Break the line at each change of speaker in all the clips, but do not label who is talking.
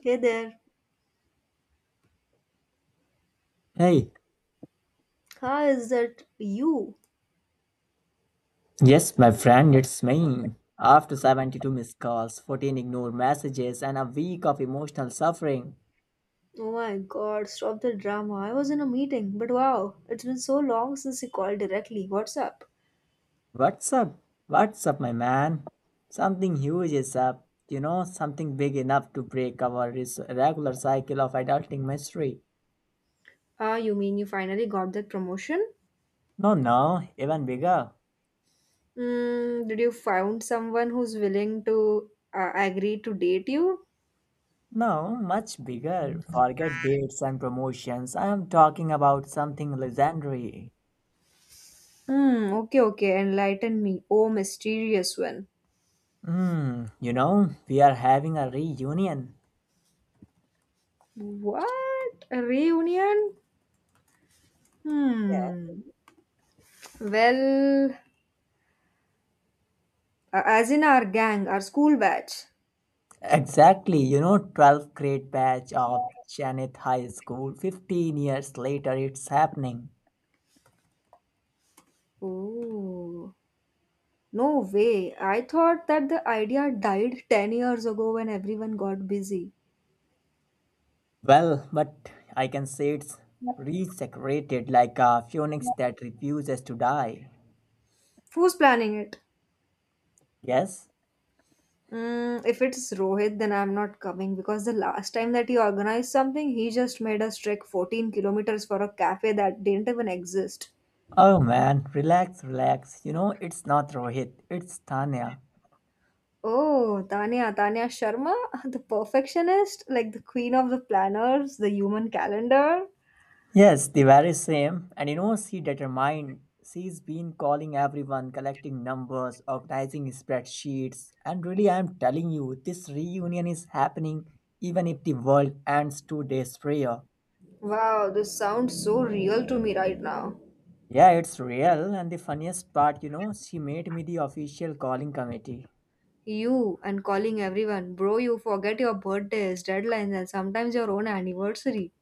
Hey there,
Hey,
how is that you?
yes, my friend, it's me. After 72 missed calls, 14 ignored messages, and a week of emotional suffering.
Oh my god, stop the drama. I was in a meeting, but wow, it's been so long since you called directly. What's up?
What's up? What's up, my man? Something huge is up. You know, something big enough to break our regular cycle of adulting mystery.
Ah, you mean you finally got that promotion?
No, no, even bigger.
Hmm, did you find someone who's willing to agree to date you?
No, much bigger. Forget dates and promotions. I am talking about something legendary.
Hmm, okay, okay, enlighten me. Oh, mysterious one.
You know, we are having a reunion.
What? A reunion?
Yes.
Hmm. Well, as in our gang, our school batch.
Exactly, you know, 12th grade batch of Janet High School, 15 years later, it's happening.
Oh. No way. I thought that the idea died 10 years ago when everyone got busy.
Well, but I can say it's resecrated like a phoenix that refuses to die.
Who's planning it?
Yes?
If it's Rohit, then I'm not coming because the last time that he organized something, he just made us trek 14 kilometers for a cafe that didn't even exist.
Oh man, relax, relax. You know, it's not Rohit, it's Tanya.
Oh, Tanya, Tanya Sharma, the perfectionist, like the queen of the planners, the human calendar.
Yes, the very same. And you know, she determined. She's been calling everyone, collecting numbers, organizing spreadsheets. And really, I'm telling you, this reunion is happening even if the world ends 2 days prior.
Wow, this sounds so real to me right now.
Yeah, it's real. And the funniest part, you know, she made me the official calling committee.
You and calling everyone, bro, you forget your birthdays, deadlines, and sometimes your own anniversary.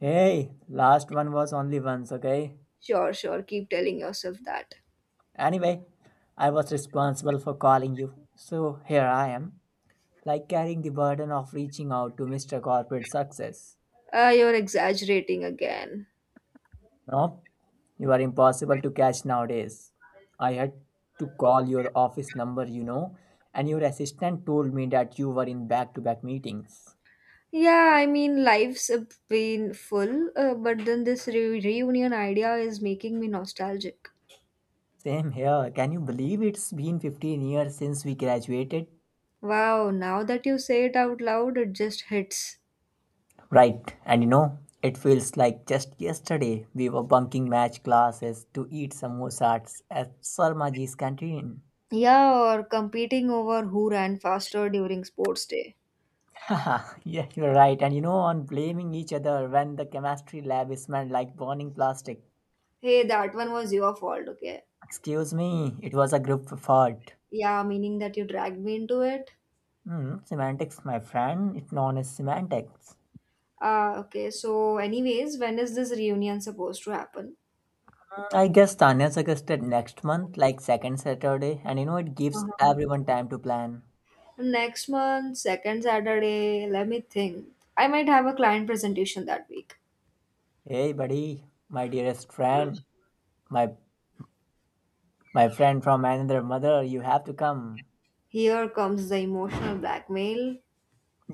Hey, last one was only once, okay?
Sure, sure, keep telling yourself that.
Anyway, I was responsible for calling you. So here I am, like carrying the burden of reaching out to Mr. Corporate Success.
Ah, you're exaggerating again.
No, you are impossible to catch nowadays. I had to call your office number, you know, and your assistant told me that you were in back to back meetings.
Yeah, I mean, life's been full, but then this reunion idea is making me nostalgic.
Same here. Can you believe it's been 15 years since we graduated?
Wow, now that you say it out loud, it just hits.
Right, and you know, it feels like just yesterday we were bunking match classes to eat samosas at Sarmaji's canteen.
Yeah, or competing over who ran faster during sports day.
Haha, yeah, you're right. And you know, on blaming each other when the chemistry lab is smelled like burning plastic.
Hey, that one was your fault, okay?
Excuse me, it was a group effort.
Yeah, meaning that you dragged me into it.
Semantics, my friend. It's known as semantics.
Ah, okay. So, anyways, when is this reunion supposed to happen?
I guess Tanya suggested next month, like second Saturday, and you know, it gives
Uh-huh.
everyone time to plan.
Next month, second Saturday. Let me think. I might have a client presentation that week.
Hey, buddy, my dearest friend, my my friend from another mother, you have to come.
Here comes the emotional blackmail.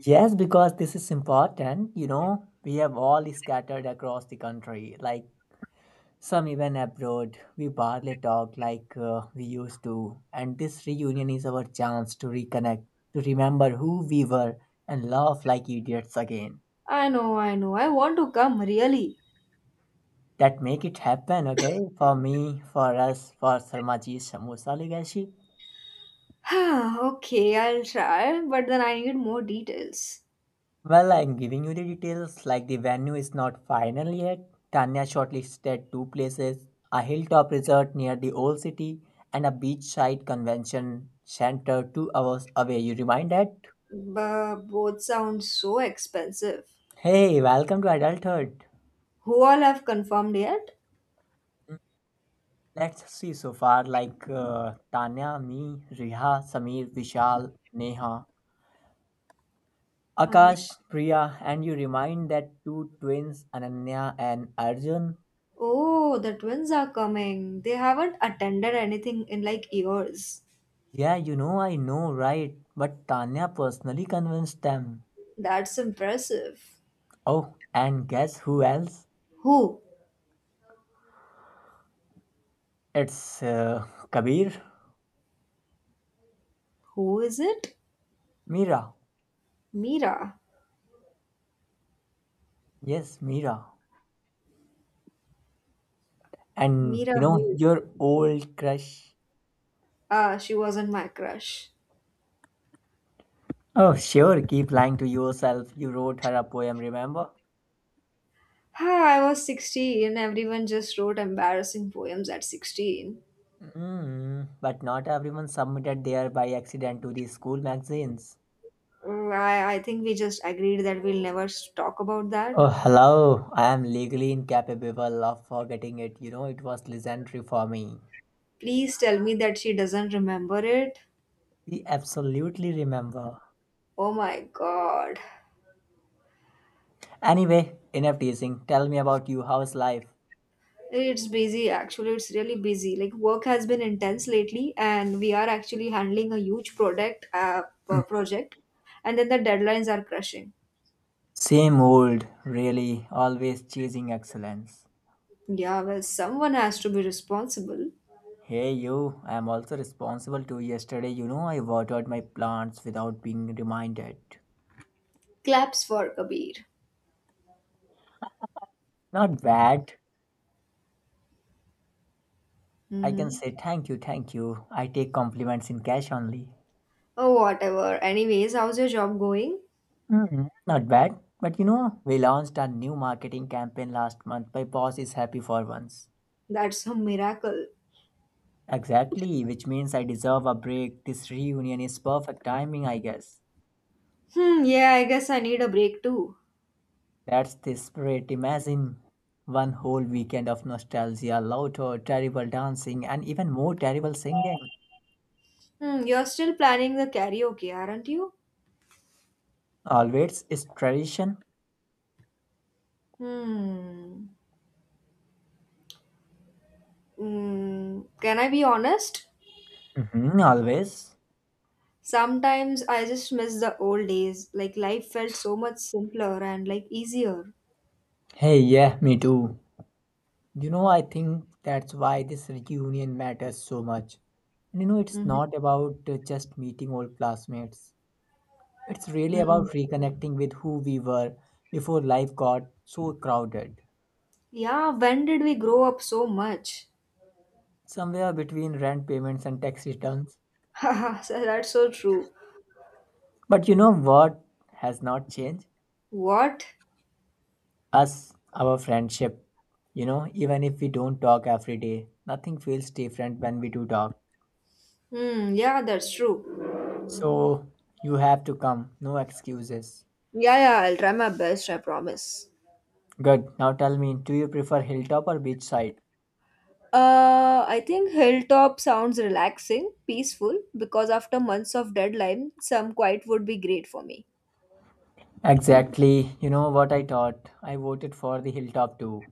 Yes, because this is important. You know, we have all scattered across the country. Like some even abroad, we barely talk like we used to, and this reunion is our chance to reconnect, to remember who we were, and laugh like idiots again.
I know, I know. I want to come, really.
That make it happen, okay? For me, for us, for Sarmaji's Samosa Legacy.
Okay, I'll try, but then I need more details.
Well, I'm giving you the details, like the venue is not final yet. Tanya shortlisted two places, a hilltop resort near the old city, and a beachside convention center 2 hours away. You remind that?
But both sound so expensive.
Hey, welcome to adulthood.
Who all have confirmed yet?
Let's see so far like Tanya, me, Riha, Samir, Vishal, Neha,
Uh,
Akash, Priya, and you remind that two twins, Ananya and Arjun.
oh, the twins are coming. They haven't attended anything in like years.
Yeah, you know, I know, right? But Tanya personally convinced them.
That's impressive.
Oh, and guess who else?
Who?
It's Kabir,
Who is it?
Mira.
Mira.
Yes, Mira. And you
Mira
know,
who?
your old crush.
Ah, she wasn't my crush.
Oh, sure, keep lying to yourself. You wrote her a poem, remember?
Ah, I was 16. Everyone just wrote embarrassing poems at 16.
But not everyone submitted there by accident to the school magazines.
I think we just agreed that we'll never talk about that.
Oh, hello. I am legally incapable of forgetting it. You know, it was legendary for me.
Please tell me that she doesn't remember it.
We absolutely remember.
Oh my god.
Anyway, enough teasing. Tell me about you. How's life?
It's busy actually, it's really busy. Like work has been intense lately and we are actually handling a huge product project and then the deadlines are crushing.
Same old, really. Always chasing excellence.
Yeah, well someone has to be responsible.
Hey you, I'm also responsible too. Yesterday, you know, I watered my plants without being reminded.
Claps for Kabir.
Not bad. I can
Mm-hmm.
say thank you, thank you. I take compliments in cash only.
Oh whatever. Anyways, how's your job going?
Not bad. But you know, we launched our new marketing campaign last month. My boss is happy for once.
That's a miracle.
Exactly, which means I deserve a break. This reunion is perfect timing, I guess.
Hmm, yeah, I guess I need a break too.
That's the spirit. Imagine one whole weekend of nostalgia, laughter, terrible dancing, and even more terrible singing.
You're still planning the karaoke, aren't you?
Always is tradition.
Hmm. Hmm. Can I be honest?
Mhm, always.
Sometimes I just miss the old days. Like life felt so much simpler and like easier.
Hey, yeah, me too. You know, I think that's why this reunion matters so much. And you know, it's
Mhm.
not about just meeting old classmates. It's really
Mhm.
about reconnecting with who we were before life got so crowded.
Yeah, when did we grow up so much?
Somewhere between rent payments and tax returns.
Haha, so that's so true.
But you know what has not changed?
What?
Us, our friendship. You know, even if we don't talk every day, nothing feels different when we do talk.
Hmm, yeah, that's true.
So you have to come, no excuses.
Yeah, yeah, I'll try my best, I promise.
Good. Now tell me, do you prefer hilltop or beachside?
I think Hilltop sounds relaxing, peaceful, because after months of deadline, some quiet would be great for me.
Exactly. You know what I thought? I voted for the hilltop too.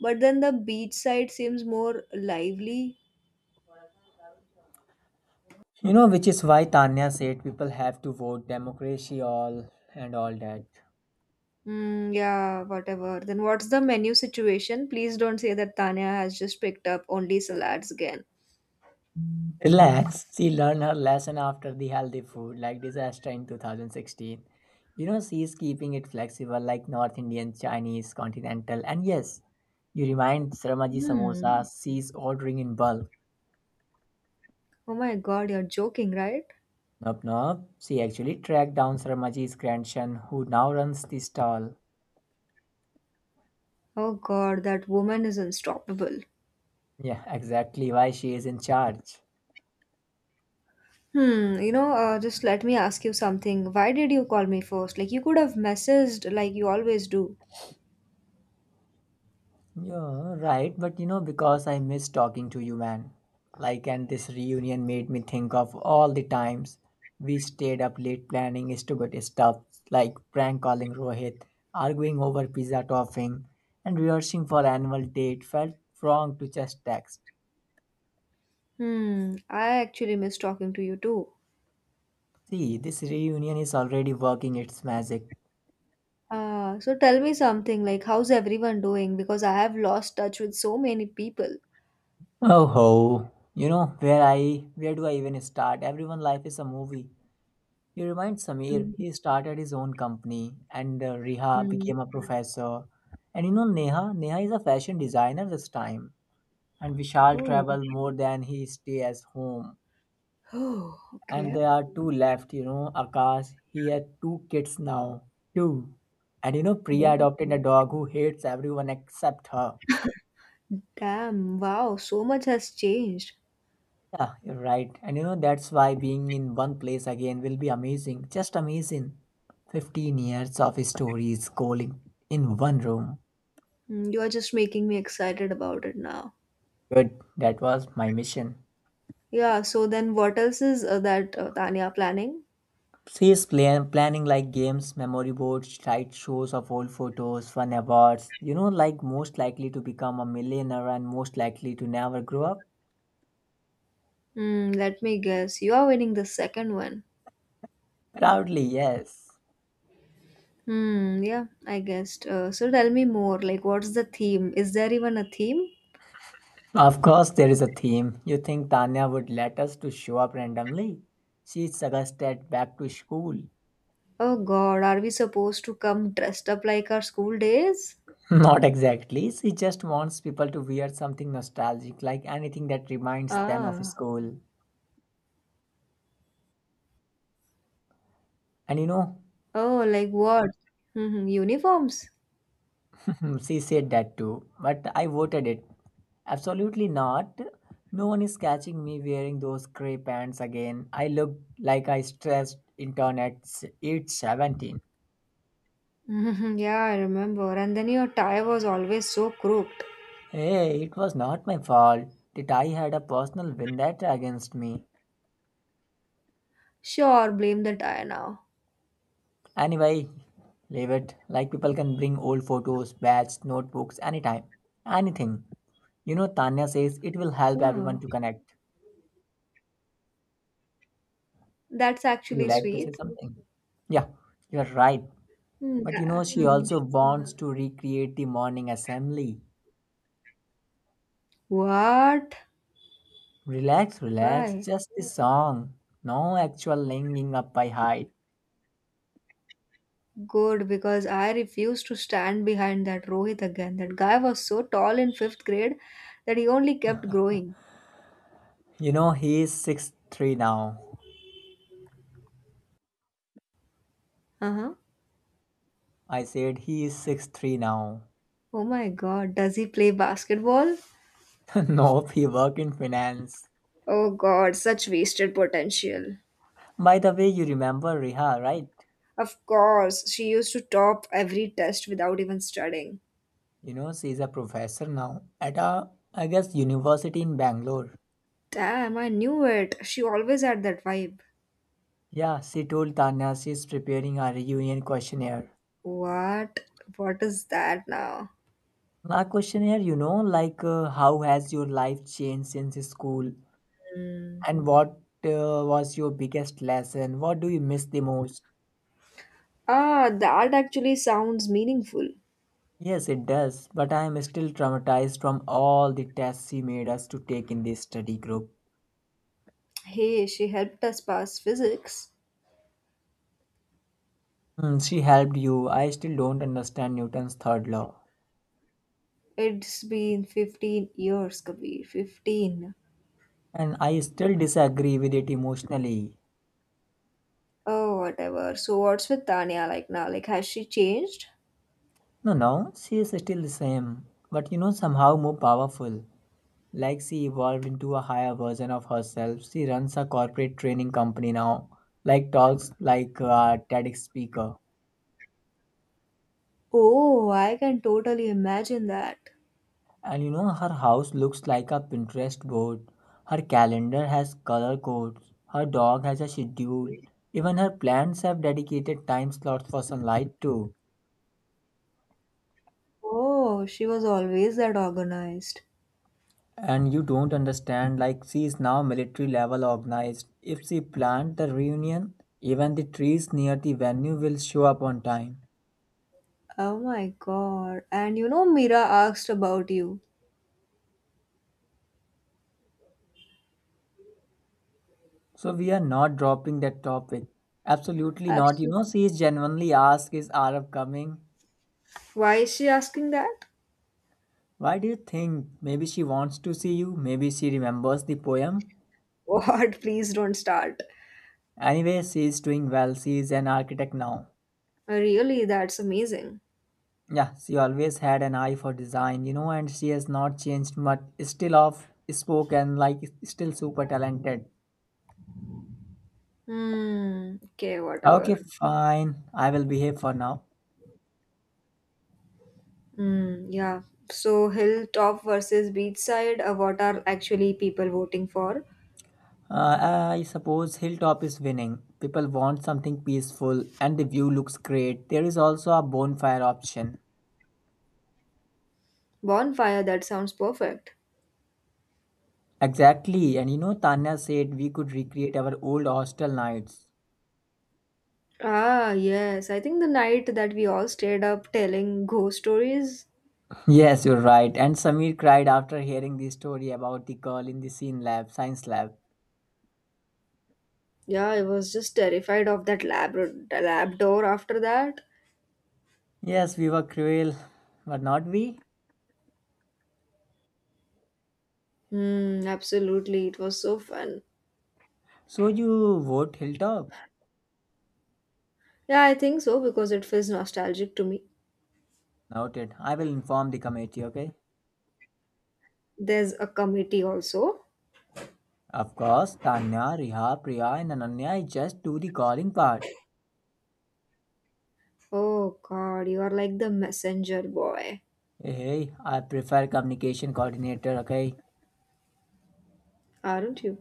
But then the beachside seems more lively.
You know, which is why Tanya said people have to vote democracy all and all that.
Mm, yeah, whatever. Then what's the menu situation? Please don't say that Tanya has just picked up only salads again.
Relax. She learned her lesson after the healthy food like disaster in 2016. You know, she is keeping it flexible like North Indian, Chinese, continental, and yes, you remind Sharmaji
Hmm.
Samosa, she is ordering in bulk.
Oh my god, you're joking, right?
Nope, nope. She actually tracked down Sarmaji's grandson, who now runs the stall.
Oh god, that woman is unstoppable.
Yeah, exactly why she is in charge.
Just let me ask you something. Why did you call me first? Like, you could have messaged like you always do.
Yeah, right, but you know, because I miss talking to you, man. Like, and this reunion made me think of all the times we stayed up late planning stupid stuff, like prank calling Rohit, arguing over pizza topping, and rehearsing for annual date felt wrong to just text.
I actually miss talking to you too.
See, this reunion is already working its magic.
So tell me something, like, how's everyone doing? Because I have lost touch with so many people.
Oh ho, you know where do I even start? Everyone life is a movie. You remind Samir, he started his own company and Riha
Mm-hmm.
became a professor. And you know Neha is a fashion designer this time. And Vishal
Oh.
travel more than he stay at home.
Oh,
And
okay.
there are two left, you know, Akash, he had two kids now. Two. And you know Priya
Damn.
adopted a dog who hates everyone except her.
Damn. Wow. So much has changed.
Yeah, you're right. And you know, that's why being in one place again will be amazing. Just amazing. 15 years of stories calling in one room.
You are just making me excited about it now.
Good. That was my mission.
Yeah. So then, what else is that Tanya planning?
She's planning like games, memory boards, tight shows of old photos, fun awards. You know, like most likely to become a millionaire and most likely to never grow up.
Hmm. Let me guess. You are winning the second one.
Proudly, yes.
Hmm. Yeah. I guessed. So tell me more. Like, what's the theme? Is there even a theme?
Of course, there is a theme. You think Tanya would let us to show up randomly? She suggested back to school.
Oh God. Are we supposed to come dressed up like our school days?
Not exactly. She just wants people to wear something nostalgic, like anything that reminds them of
Ah.
school. And you know,
Oh, like what? Uniforms.
she said that too, but I voted it. Absolutely not. No one is catching me wearing those grey pants again. I look like I stressed internet age 17.
Mhm, yeah, I remember. And then your tie was always so crooked.
Hey, it was not my fault that I had a personal vendetta against me.
Sure, blame the tie now.
Anyway, leave it. Like people can bring old photos, badges, notebooks, anytime. Anything. You know, Tanya says it will help everyone
Oh,
to connect.
that's
Would you
actually
like to say
sweet.
something? Yeah, you're right.
Hmm,
But you know,
yeah.
she
Mhm.
also wants to recreate the morning assembly.
What?
Relax, relax,
Why?
just the song. No actual linking up by height.
Good, because I refuse to stand behind that Rohit again. That guy was so tall in fifth grade that he only kept growing.
You know, he is 6'3" now.
Uh huh.
I said he is 6'3" now.
Oh my god, does he play basketball?
Nope, he work in finance.
Oh god, such wasted potential.
By the way, you remember Riha, right?
Of course, she used to top every test without even studying.
You know, she's a professor now at a, I guess, university in Bangalore.
Damn, I knew it. She always had that vibe.
Yeah, she told Tanya she's preparing a reunion questionnaire.
What? What is that now?
A questionnaire, you know, like how has your life changed since school? And what was your biggest lesson? What do you miss the most?
Ah, that actually sounds meaningful.
Yes, it does, but I am still traumatized from all the tests she made us to take in this study group.
Hey, she helped us pass physics.
She helped you. I still don't understand Newton's third law.
It's been 15 years, Kabir. 15.
And I still disagree with it emotionally.
Oh, whatever. So, what's with Tanya like now? Like, has she changed?
No, no, she is still the same, but you know, somehow more powerful. Like she evolved into a higher version of herself, she runs a corporate training company now, like talks like a TEDx speaker.
Oh, I can totally imagine that.
And you know, her house looks like a Pinterest board. Her calendar has color codes. Her dog has a schedule. Even her plants have dedicated time slots for sunlight too.
Oh, she was always that organized.
And you don't understand, like she is now military level organized. If she planned the reunion, even the trees near the venue will show up on time.
Oh my god. And Mira asked about you.
So we are not dropping that topic. Absolutely not. You know,
Absolutely.
she is genuinely asked, is Arab coming?
Why is she asking that?
Why do you think? Maybe she wants to see you. Maybe she remembers the poem.
What? Please don't start.
Anyway, she is doing well. She is an architect now.
Really that's amazing.
Yeah, she always had an eye for design, you know, and she has not changed much. Still off spoken, like still super talented.
Hmm. Okay,
Okay,
whatever.
fine. I will behave for now.
Hmm. Yeah. So, hilltop versus beachside. What are actually people voting for?
I suppose Hilltop is winning. People want something peaceful and the view looks great. There is also a bonfire option.
Bonfire. That sounds perfect.
Exactly, and you know, Tanya said we could recreate our old hostel nights.
Ah, yes. I think the night that we all stayed up telling ghost stories.
Yes, you're right. And Samir cried after hearing the story about the girl in the scene lab, science lab.
Yeah, I was just terrified of that lab door after that.
Yes, we were cruel, but not we.
Hmm. Absolutely. It was so fun.
So you vote Hilltop?
Yeah, I think so because it feels nostalgic to me.
Noted. I will inform the committee, okay?
There's a committee also.
Of course, Tanya, Riha, Priya, and Ananya just do the calling part.
Oh God, you are like the messenger boy,
Hey, I prefer communication coordinator, okay?
aren't you?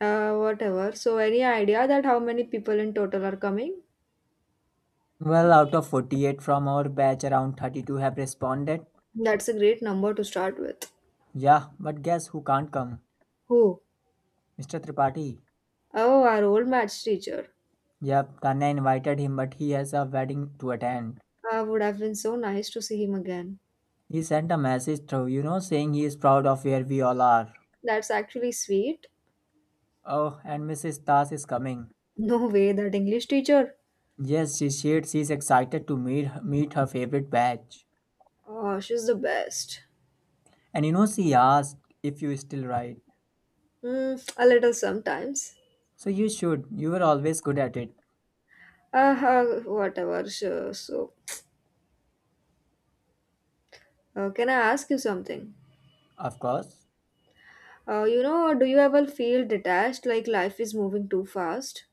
Whatever. So, any idea that how many people in total are coming?
Well, out of 48 from our batch, around 32 have responded.
That's a great number to start with.
Yeah, but guess who can't come?
Who?
Mr. Tripathi.
Oh, our old maths teacher.
Yep, Tanya invited him, but he has a wedding to attend.
Would have been so nice to see him again.
He sent a message through, you know, saying he is proud of where we all are.
That's actually sweet.
Oh, and Mrs. Das is coming.
No way, that English teacher.
Yes, she shared she's excited to meet her favorite batch.
Oh, she's the best.
And you know, she asked if you still write.
Mm, a little sometimes.
So you should. You were always good at it.
Uh, whatever. Sure. So, can I ask you something?
Of course.
Do you ever feel detached, like life is moving too fast?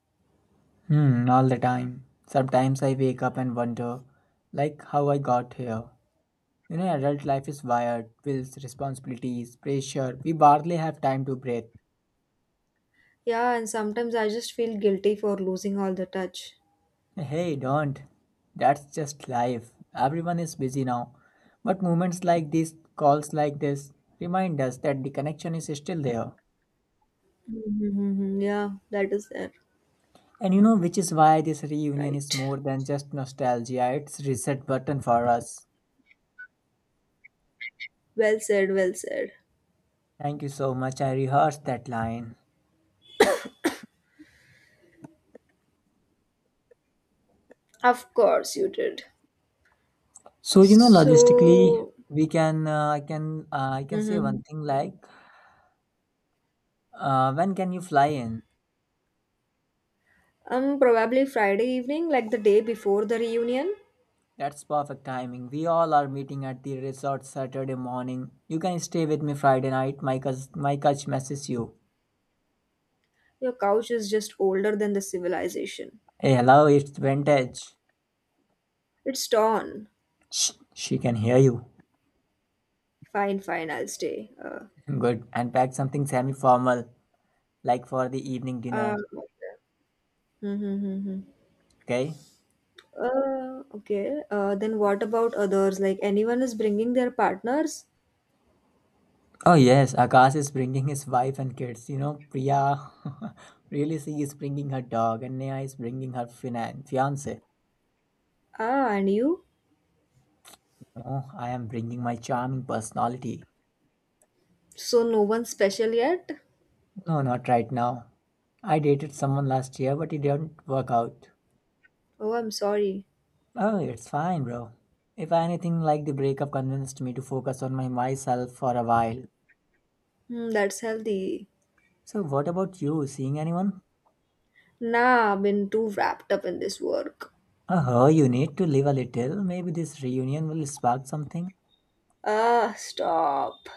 Hmm, all the time. Sometimes I wake up and wonder, like, how I got here. You know, adult life is wired, bills, responsibilities, pressure. We hardly have time to breathe.
Yeah, and sometimes I just feel guilty for losing all the touch.
Hey, don't. That's just life. Everyone is busy now. But moments like this, calls like this, remind us that the connection is still there.
Mm-hmm. Mm-hmm, yeah, that is there.
And you know, which is why this reunion is
Right.
more than just nostalgia, it's reset button for us.
Well said, well said.
Thank you so much. I rehearsed that line.
Of course you did.
So you know, logistically,
So,
we can I can I can say
mm-hmm.
one thing like, when can you fly in?
Probably Friday evening, like the day before the reunion.
That's perfect timing. We all are meeting at the resort Saturday morning. You can stay with me Friday night. My couch messes you.
Your couch is just older than the civilization.
Hey, hello, it's vintage.
It's torn.
Shh, she can hear you.
Fine, fine, I'll stay.
Good. And pack something semi-formal, like for the evening
Uh,
dinner.
mm-hmm. Mm-hmm.
Okay.
Okay. Then what about others? Like anyone is bringing their partners?
Oh yes, Akash is bringing his wife and kids. You know, Priya, really, she is bringing her dog, and Neha is bringing her fiance.
Ah, and you?
No, I am bringing my charming personality.
So no one special yet?
No, not right now. I dated someone last year, but it didn't work out.
Oh, I'm sorry.
Oh, it's fine, bro. If anything, like the breakup convinced me to focus on my myself for a while.
That's healthy.
So, what about you? Seeing anyone?
Nah, I've been too wrapped up in this work.
Oh, you need to live a little. Maybe this reunion will spark something.
Ah, stop.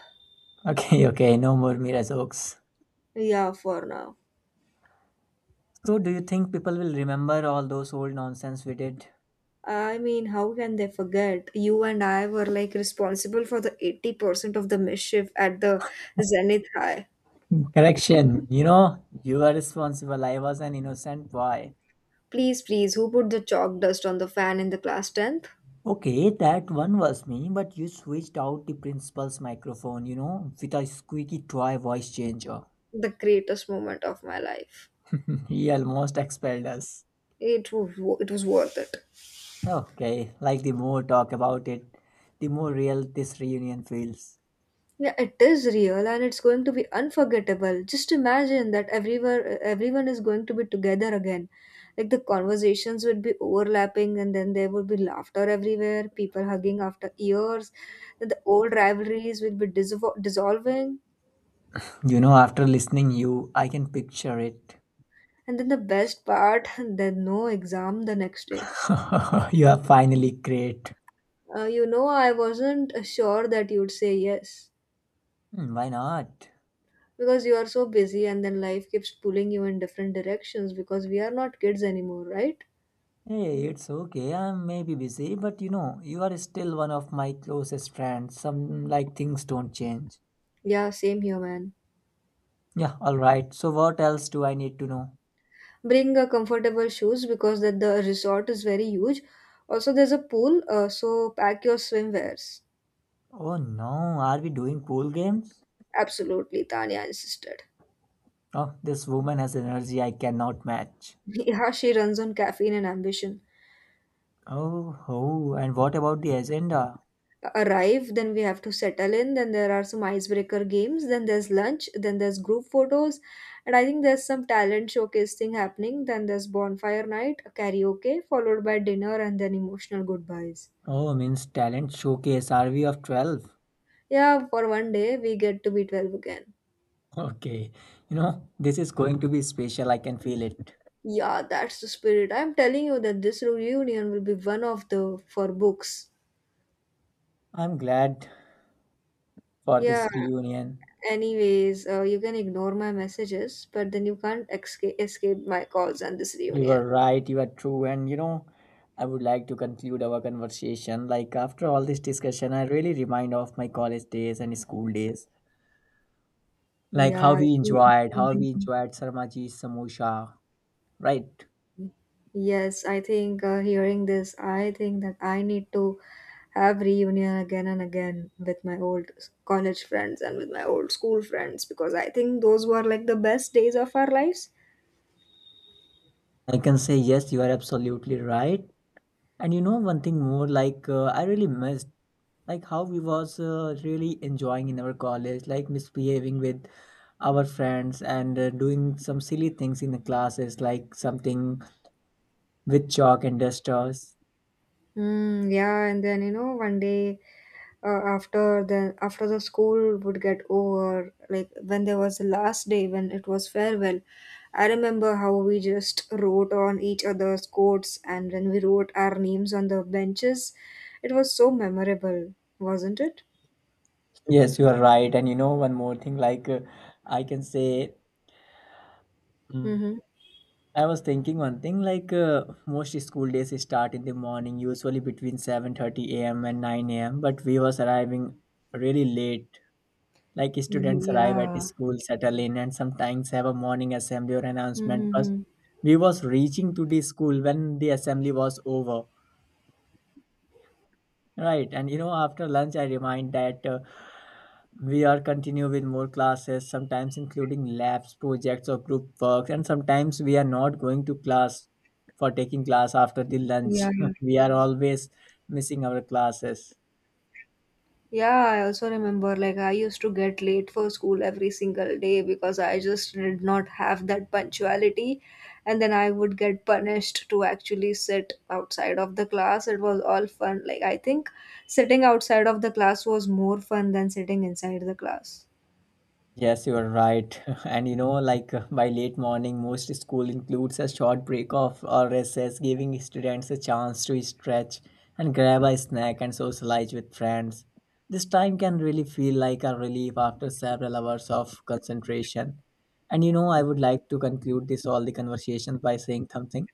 Okay, okay, no more Mira jokes.
Yeah, for now.
So, do you think people will remember all those old nonsense we did?
I mean, how can they forget? You and I were like responsible for the 80% of the mischief at the Zenith High.
Correction, you know, you were responsible. I was an innocent boy.
Please, please, who put the chalk dust on the fan in the class 10th?
Okay, that one was me, but you switched out the principal's microphone, you know, with a squeaky toy voice changer.
The greatest moment of my life.
He almost expelled us.
It was it was worth it.
Okay, like the more talk about it, the more real this reunion feels.
Yeah, it is real and it's going to be unforgettable. Just imagine that everywhere everyone is going to be together again. Like the conversations would be overlapping and then there would be laughter everywhere, people hugging after years, and the old rivalries will be dissolving.
You know, after listening you, I can picture it.
And then the best part, then no exam the next day.
You are finally great.
I wasn't sure that you'd say yes.
Hmm, why not?
Because you are so busy and then life keeps pulling you in different directions because we are not kids anymore, right?
Hey, it's okay. I may be busy, but you know, you are still one of my closest friends. Some like things don't change.
Yeah, same here, man.
Yeah, all right. So what else do I need to know?
Bring comfortable shoes because that the resort is very huge. Also, there's a pool, so pack your swimwears.
Oh no, are we doing pool games?
Absolutely, tanya insisted.
Oh, this woman has energy I cannot match.
Yeah, she runs on caffeine and ambition.
Oh, oh, and what about the agenda?
Arrive, then we have to settle in, then there are some icebreaker games, then there's lunch, then there's group photos, and I think there's some talent showcase thing happening, then there's bonfire night, karaoke, followed by dinner and then emotional goodbyes.
Oh, means talent showcase. Are we of 12?
Yeah, for one day we get to be 12 again.
Okay. You know, this is going to be special. I can feel it.
Yeah, that's the spirit. I'm telling you that this reunion will be one of the for books.
I'm glad for
Yeah,
this reunion.
anyways, you can ignore my messages, but then you can't escape my calls and this
You
reunion.
are right, you are true. And you know, I would like to conclude our conversation. Like, after all this discussion, I really remind of my college days and school days. Like,
Yeah, I think,
how we enjoyed Sarmaji's Samosa, right?
yes, I think hearing this, I think that I need to have reunion again and again with my old college friends and with my old school friends because I think those were like the best days of our lives.
I can say, yes, you are absolutely right. And you know, one thing more, like, I really missed, like, how we was really enjoying in our college, like, misbehaving with our friends and doing some silly things in the classes, like something with chalk and dusters.
Mm, yeah, and then one day uh, after the school would get over, like when there was the last day when it was farewell, I remember how we just wrote on each other's coats and when we wrote our names on the benches, it was so memorable, wasn't it?
Yes, you are right. And you know, one more thing, like I can say, mm,
Mm-hmm.
I was thinking one thing, like most school days start in the morning, usually between 7:30 a.m. and 9 a.m. But we was arriving really late. Like students arrive at
Yeah.
school, settle in, and sometimes have a morning assembly or announcement. But
Mm-hmm.
we was reaching to the school when the assembly was over. Right, and you know, after lunch, I remind that we are continue with more classes, sometimes including labs, projects, or group works, and sometimes we are not going to class for taking class after the lunch.
Yeah.
We are always missing our classes.
Yeah, I also remember like I used to get late for school every single day because I just did not have that punctuality. And then I would get punished to actually sit outside of the class. It was all fun. Like, I think sitting outside of the class was more fun than sitting inside the class.
Yes, you are right. And you know, like by late morning, most school includes a short break off or recess, giving students a chance to stretch and grab a snack and socialize with friends. This time can really feel like a relief after several hours of concentration. And you know, I would like to conclude this all the conversation by saying something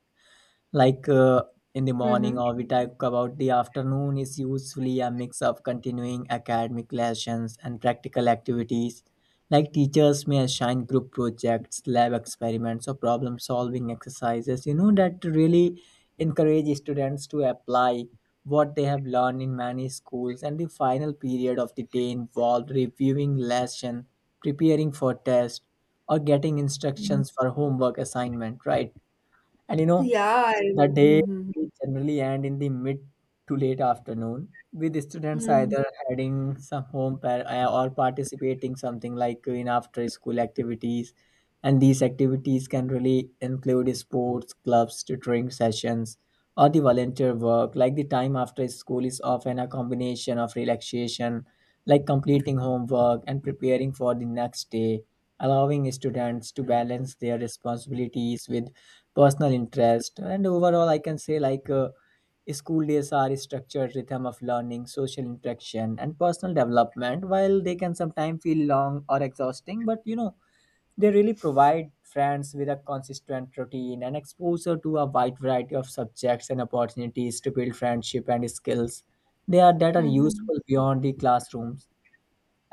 like in the morning
Mm-hmm.
or we talk about the afternoon is usually a mix of continuing academic lessons and practical activities like teachers may assign group projects, lab experiments, or problem solving exercises, you know, that really encourage students to apply what they have learned in many schools, and the final period of the day involved reviewing lesson, preparing for test, or getting instructions for homework assignment, right? And you know,
Yeah. I,
the day
mm-hmm.
generally end in the mid to late afternoon, with students
Mm-hmm.
either heading some or participating something like in after school activities. And these activities can really include sports, clubs, tutoring sessions, or the volunteer work. Like the time after school is often a combination of relaxation, like completing homework and preparing for the next day, allowing students to balance their responsibilities with personal interest. And overall I can say like school days are a structured rhythm of learning, social interaction, and personal development. While they can sometimes feel long or exhausting, but you know, they really provide friends with a consistent routine and exposure to a wide variety of subjects and opportunities to build friendship and skills they are that are
Mm-hmm.
useful beyond the classrooms.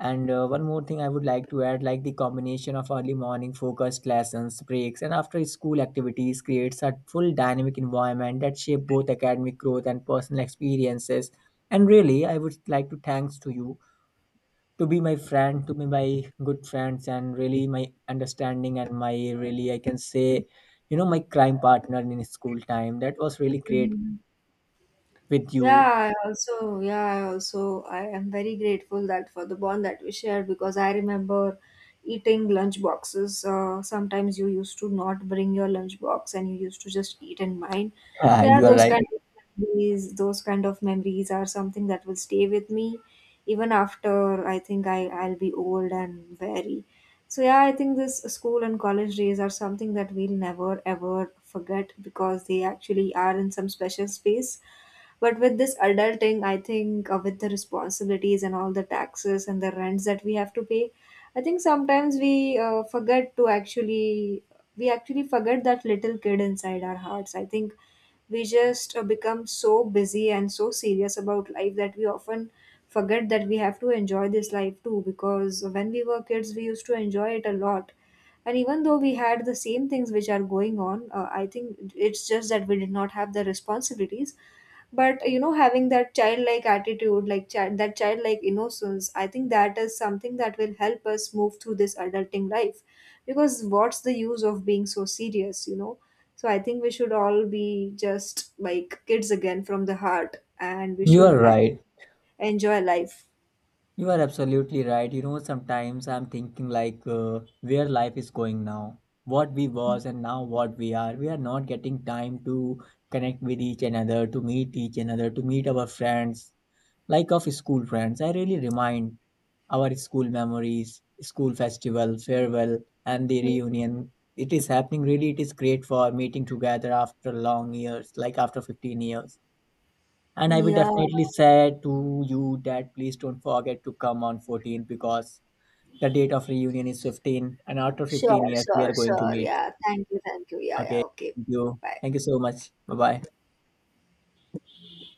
And one more thing I would like to add, like the combination of early morning focused lessons, breaks, and after school activities creates a full dynamic environment that shape both academic growth and personal experiences. And really, I would like to thanks to you to be my friend, to be my good friends, and really my understanding and my really I can say, you know, my crime partner in school time. That was really great
Mm-hmm.
with you.
Yeah, yeah, I am very grateful that for the bond that we shared because I remember eating lunch boxes. Sometimes you used to not bring your lunch box and you used to just eat in mine.
Yeah,
So yeah,
you are right.
those kind of memories are something that will stay with me even after I think I'll be old and very. So yeah, I think this school and college days are something that we'll never ever forget because they actually are in some special space but with this adulting, I think with the responsibilities and all the taxes and the rents that we have to pay, I think sometimes we forget to actually we actually forget that little kid inside our hearts. I think we just become so busy and so serious about life that we often forget that we have to enjoy this life too because when we were kids we used to enjoy it a lot and even though we had the same things which are going on I think it's just that we did not have the responsibilities but having that childlike attitude like that childlike innocence I think that is something that will help us move through this adulting life because what's the use of being so serious? So I think we should all be just like kids again from the heart and we
You
should
are right.
enjoy life.
You are absolutely right. You know, sometimes I'm thinking like where life is going now, what we was and now what we are. We are not getting time to connect with each another, to meet each another, to meet our friends, like of school friends. I really remind our school memories, school festival, farewell, and the reunion. It is happening really. It is great for meeting together after long years, like after 15 years, and I will
Yeah,
definitely say to you that please don't forget to come on 14th because the date of reunion is 15 and after 15
sure,
years we
sure,
are going to
sure,
meet.
yeah, thank you, thank you, yeah, yeah,
Okay.
okay.
Thank you.
Bye.
Thank you so much. Bye bye.